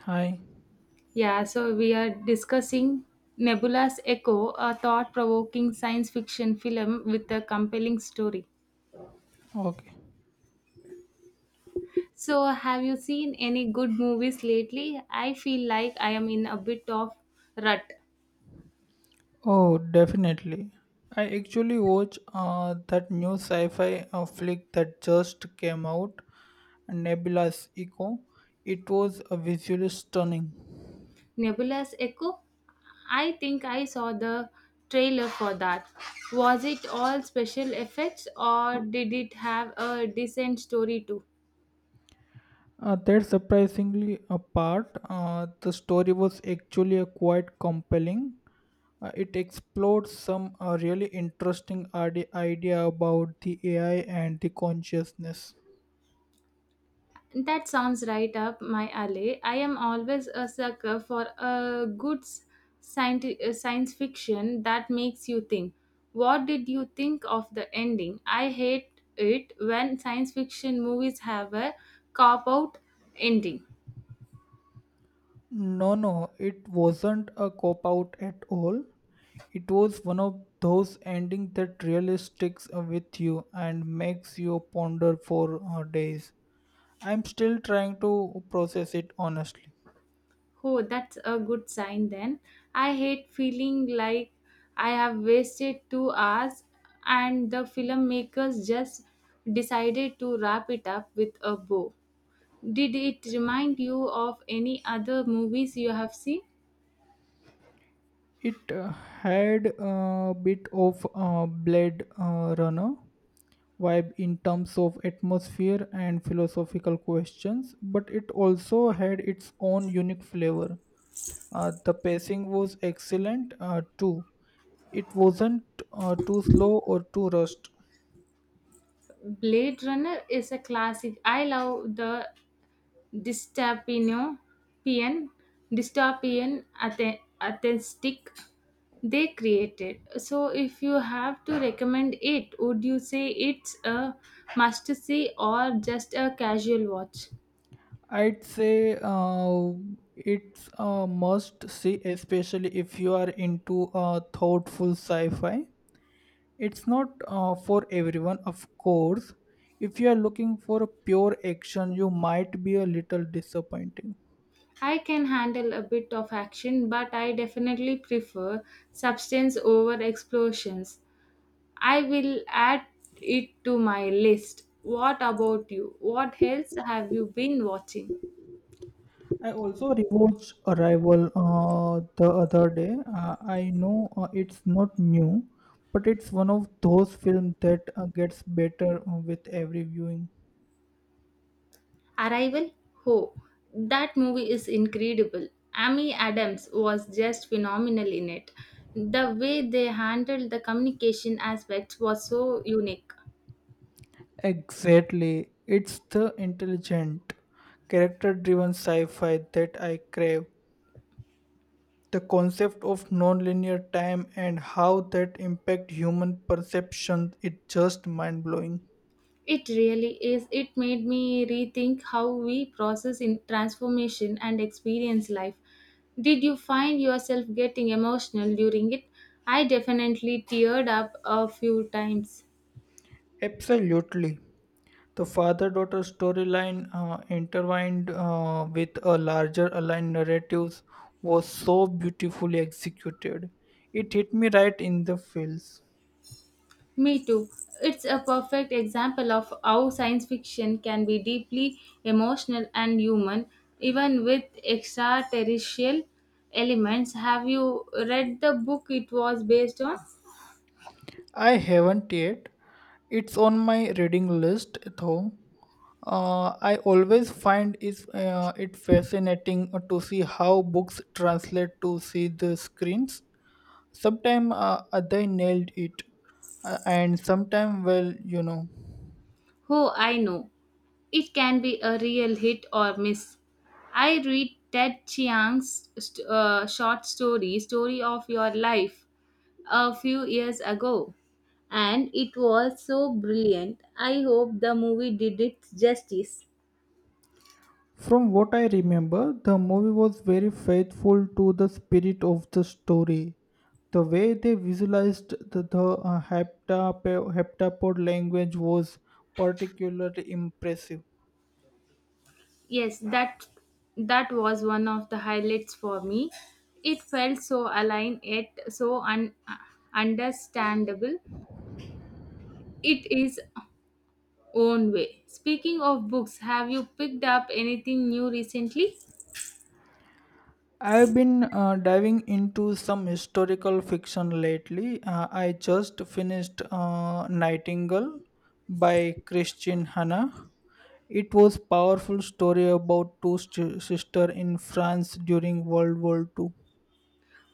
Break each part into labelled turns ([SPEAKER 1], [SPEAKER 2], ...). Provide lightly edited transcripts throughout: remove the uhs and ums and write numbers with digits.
[SPEAKER 1] Hi.
[SPEAKER 2] Yeah, so we are discussing Nebula's Echo, a thought provoking science fiction film with a compelling story.
[SPEAKER 1] Okay.
[SPEAKER 2] So, have you seen any good movies lately? I feel like I am in a bit of rut.
[SPEAKER 1] Oh, definitely. I actually watch that new sci-fi flick that just came out, Nebula's Echo. It was visually stunning.
[SPEAKER 2] Nebula's Echo? I think I saw the trailer for that. Was it all special effects or did it have a decent story too?
[SPEAKER 1] That surprisingly apart, the story was actually quite compelling. It explored some really interesting idea about the AI and the consciousness.
[SPEAKER 2] That sounds right up my alley. I am always a sucker for a good science fiction that makes you think. What did you think of the ending? I hate it when science fiction movies have a cop out ending.
[SPEAKER 1] No, no, it wasn't a cop out at all. It was one of those endings that really sticks with you and makes you ponder for days. I'm still trying to process it honestly.
[SPEAKER 2] Oh, that's a good sign then. I hate feeling like I have wasted 2 hours and the filmmakers just decided to wrap it up with a bow. Did it remind you of any other movies you have seen?
[SPEAKER 1] It had a bit of a Blade Runner vibe in terms of atmosphere and philosophical questions, but it also had its own unique flavor. The pacing was excellent too. It wasn't too slow or too rushed.
[SPEAKER 2] Blade Runner is a classic. I love the dystopian, dystopian aesthetic they created. So, if you have to recommend it, would you say it's a must see or just a casual watch?
[SPEAKER 1] I'd say it's a must see, especially if you are into thoughtful sci fi. It's not for everyone, of course. If you are looking for pure action, you might be a little disappointing.
[SPEAKER 2] I can handle a bit of action, but I definitely prefer substance over explosions. I will add it to my list. What about you? What else have you been watching?
[SPEAKER 1] I also rewatched Arrival the other day. I know it's not new, but it's one of those films that gets better with every viewing.
[SPEAKER 2] Arrival? Oh, that movie is incredible. Amy Adams was just phenomenal in it. The way they handled the communication aspects was so unique.
[SPEAKER 1] Exactly. It's the intelligent, character driven sci fi that I crave. The concept of nonlinear time and how that impact human perception is just mind blowing.
[SPEAKER 2] It really is. It made me rethink how we process in transformation and experience life. Did you find yourself getting emotional during it? I definitely teared up a few times.
[SPEAKER 1] Absolutely. The father daughter storyline intertwined with a larger aligned narratives was so beautifully executed. It hit me right in the feels.
[SPEAKER 2] Me too. It's a perfect example of how science fiction can be deeply emotional and human, even with extraterrestrial elements. Have you read the book it was based on?
[SPEAKER 1] I haven't yet. It's on my reading list, though. I always find it fascinating to see how books translate to see the screens. Sometimes they nailed it, and sometimes, well, you know.
[SPEAKER 2] Who I know. It can be a real hit or miss. I read Ted Chiang's short story, Story of Your Life, a few years ago, and it was so brilliant. I hope the movie did it justice.
[SPEAKER 1] From what I remember, the movie was very faithful to the spirit of the story. The way they visualized the heptapo- heptapod language was particularly impressive.
[SPEAKER 2] Yes, that was one of the highlights for me. It felt so aligned yet so understandable. It is own way. Speaking of books, have you picked up anything new recently?
[SPEAKER 1] I've been diving into some historical fiction lately. I just finished Nightingale by Christine Hanna. It was powerful story about two sisters in France during World War Two.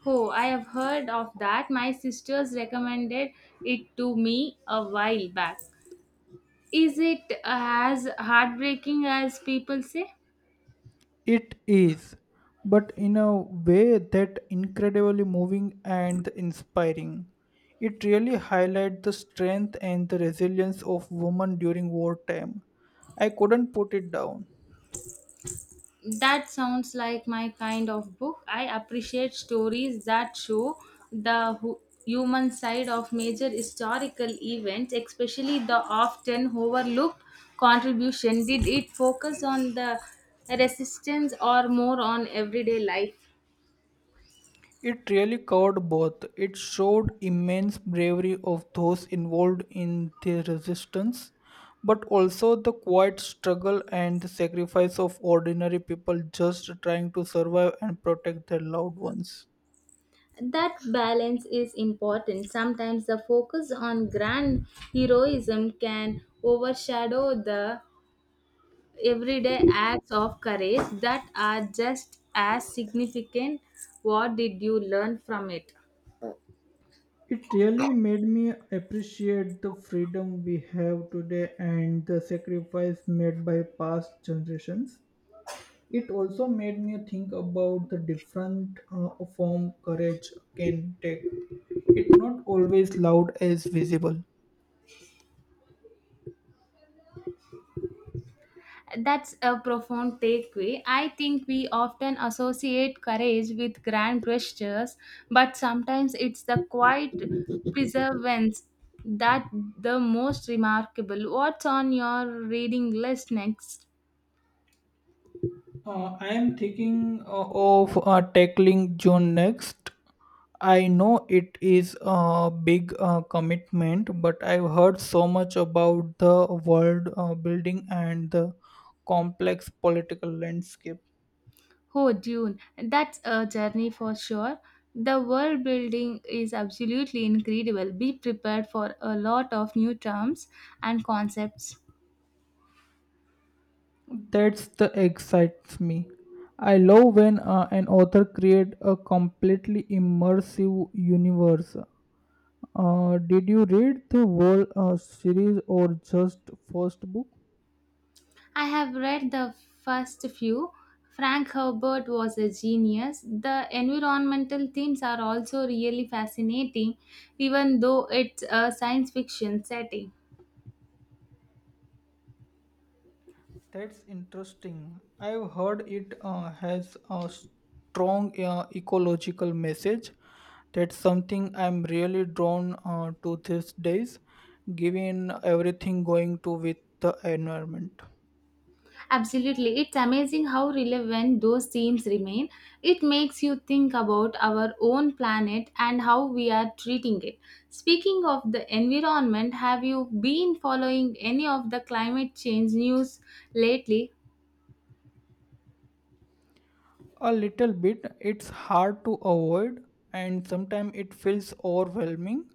[SPEAKER 2] Oh, I have heard of that. My sisters recommended it to me a while back. Is it as heartbreaking as people say?
[SPEAKER 1] It is, but in a way that incredibly moving and inspiring. It really highlights the strength and the resilience of women during wartime. I couldn't put it down.
[SPEAKER 2] That sounds like my kind of book. I appreciate stories that show the human side of major historical events, especially the often overlooked contribution. Did it focus on the resistance or more on everyday life?
[SPEAKER 1] It really covered both. It showed immense bravery of those involved in the resistance, but also the quiet struggle and the sacrifice of ordinary people just trying to survive and protect their loved ones.
[SPEAKER 2] That balance is important. Sometimes the focus on grand heroism can overshadow the everyday acts of courage that are just as significant. What did you learn from it?
[SPEAKER 1] It really made me appreciate the freedom we have today and the sacrifice made by past generations. It also made me think about the different form courage can take. It's not always loud as visible.
[SPEAKER 2] That's a profound takeaway. I think we often associate courage with grand gestures, but sometimes it's the quiet perseverance that the most remarkable. What's on your reading list next?
[SPEAKER 1] I am thinking of tackling June next. I know it is a big commitment, but I've heard so much about the world building and the complex political landscape.
[SPEAKER 2] Oh, Dune. That's a journey for sure. The world building is absolutely incredible. Be prepared for a lot of new terms and concepts.
[SPEAKER 1] That's the excites me. I love when an author creates a completely immersive universe. Did you read the whole series or just first book?
[SPEAKER 2] I have read the first few. Frank Herbert was a genius. The environmental themes are also really fascinating, even though it's a science fiction setting.
[SPEAKER 1] That's interesting. I've heard it has a strong ecological message. That's something I'm really drawn to these days, given everything going to with the environment.
[SPEAKER 2] Absolutely, it's amazing how relevant those themes remain. It makes you think about our own planet and how we are treating it. Speaking of the environment, have you been following any of the climate change news lately?
[SPEAKER 1] A little bit, it's hard to avoid, and sometimes it feels overwhelming.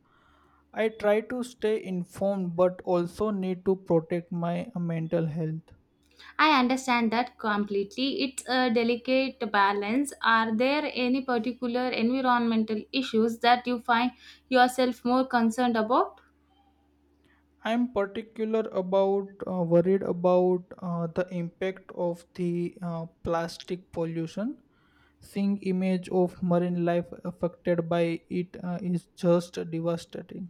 [SPEAKER 1] I try to stay informed, but also need to protect my mental health.
[SPEAKER 2] I understand that completely. It's a delicate balance. Are there any particular environmental issues that you find yourself more concerned about?
[SPEAKER 1] I'm particular about worried about the impact of the plastic pollution. Seeing image of marine life affected by it is just devastating.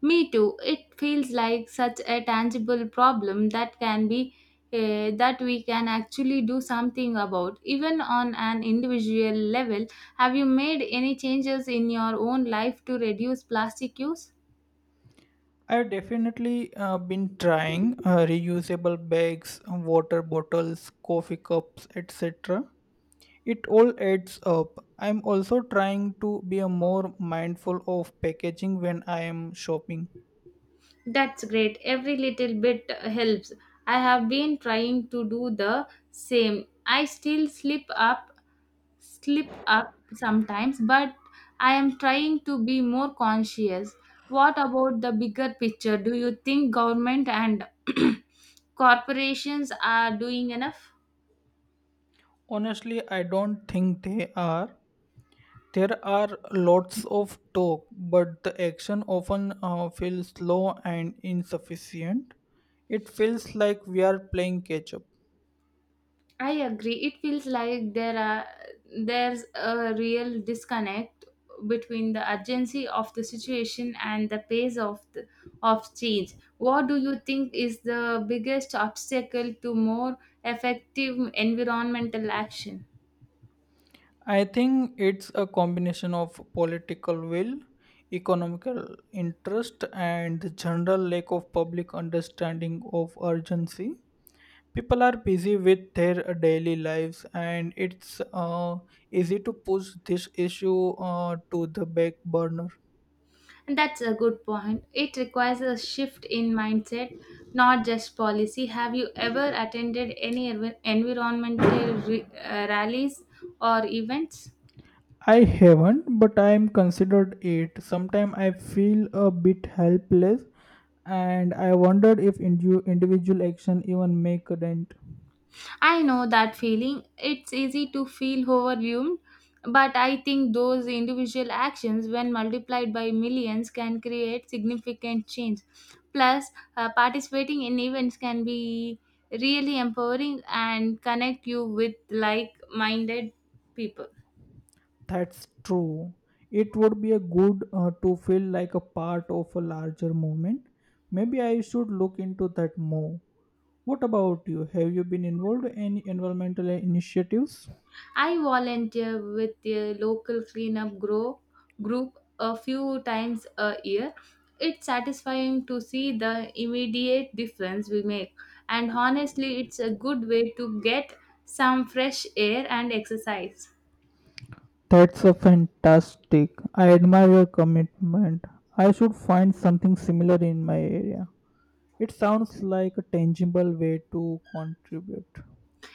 [SPEAKER 2] Me too. It feels like such a tangible problem that can be that we can actually do something about even on an individual level. Have you made any changes in your own life to reduce plastic use?
[SPEAKER 1] I've definitely been trying reusable bags, water bottles, coffee cups, etc. It all adds up. I'm also trying to be a more mindful of packaging when I am shopping.
[SPEAKER 2] That's great. Every little bit helps. I have been trying to do the same. I still slip up sometimes, but I am trying to be more conscious. What about the bigger picture? Do you think government and corporations are doing enough?
[SPEAKER 1] Honestly, I don't think they are. There are lots of talk, but the action often feels slow and insufficient. It feels like we are playing catch up.
[SPEAKER 2] I agree. It feels like there's a real disconnect between the urgency of the situation and the pace of change. What do you think is the biggest obstacle to more effective environmental action?
[SPEAKER 1] I think it's a combination of political will, economical interest, and the general lack of public understanding of urgency. People are busy with their daily lives, and it's easy to push this issue to the back burner.
[SPEAKER 2] And that's a good point. It requires a shift in mindset, not just policy. Have you ever attended any environmental rallies or events?
[SPEAKER 1] I haven't, but I am considered it. Sometimes I feel a bit helpless, and I wondered if individual action even make a dent.
[SPEAKER 2] I know that feeling. It's easy to feel overwhelmed, but I think those individual actions, when multiplied by millions, can create significant change. Plus, participating in events can be really empowering and connect you with like minded people.
[SPEAKER 1] That's true. It would be a good to feel like a part of a larger movement. Maybe I should look into that more. What about you? Have you been involved in any environmental initiatives?
[SPEAKER 2] I volunteer with the local group a few times a year. It's satisfying to see the immediate difference we make, and honestly, it's a good way to get some fresh air and exercise.
[SPEAKER 1] That's a fantastic. I admire your commitment. I should find something similar in my area. It sounds like a tangible way to contribute.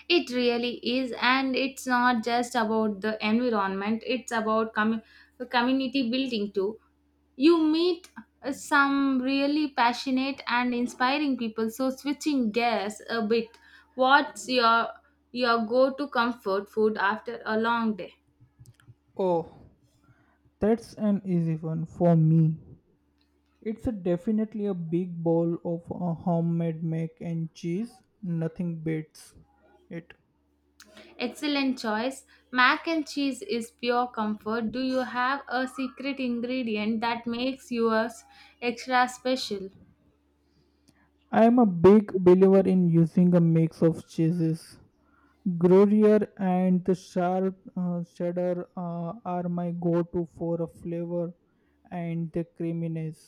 [SPEAKER 2] It really is, and it's not just about the environment, it's about community building too. You meet some really passionate and inspiring people. So switching gears a bit, what's your go-to comfort food after a long day?
[SPEAKER 1] Oh, that's an easy one for me. It's a definitely a big bowl of a homemade mac and cheese. Nothing beats it.
[SPEAKER 2] Excellent choice. Mac and cheese is pure comfort. Do you have a secret ingredient that makes yours extra special?
[SPEAKER 1] I am a big believer in using a mix of cheeses. Gruyere and the sharp cheddar are my go-to for a flavor and the creaminess.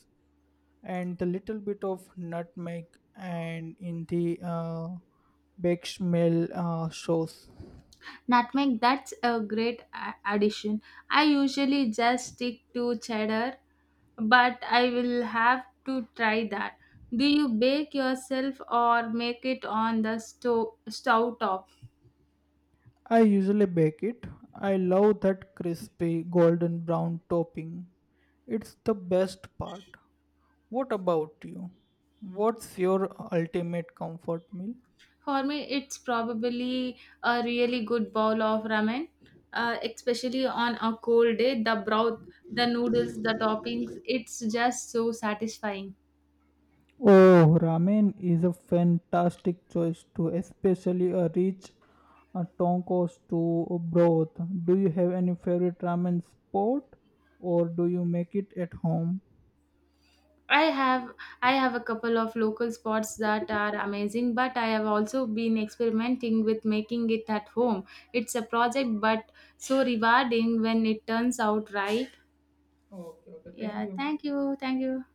[SPEAKER 1] And the little bit of nutmeg and in the bake smell sauce.
[SPEAKER 2] Nutmeg, that's a great addition. I usually just stick to cheddar but I will have to try that. Do you bake yourself or make it on the stove top?
[SPEAKER 1] I usually bake it. I love that crispy golden brown topping. It's the best part. What about you? What's your ultimate comfort meal?
[SPEAKER 2] For me, it's probably a really good bowl of ramen, especially on a cold day. The broth, the noodles, the toppings, it's just so satisfying.
[SPEAKER 1] Oh, ramen is a fantastic choice too, especially a rich tonkos to broth. Do you have any favorite ramen spot or do you make it at home?
[SPEAKER 2] I have I have a couple of local spots that are amazing, but I have also been experimenting with making it at home. It's a project, but so rewarding when it turns out right.
[SPEAKER 1] Okay, okay, thank
[SPEAKER 2] Yeah,
[SPEAKER 1] you.
[SPEAKER 2] thank you, thank you.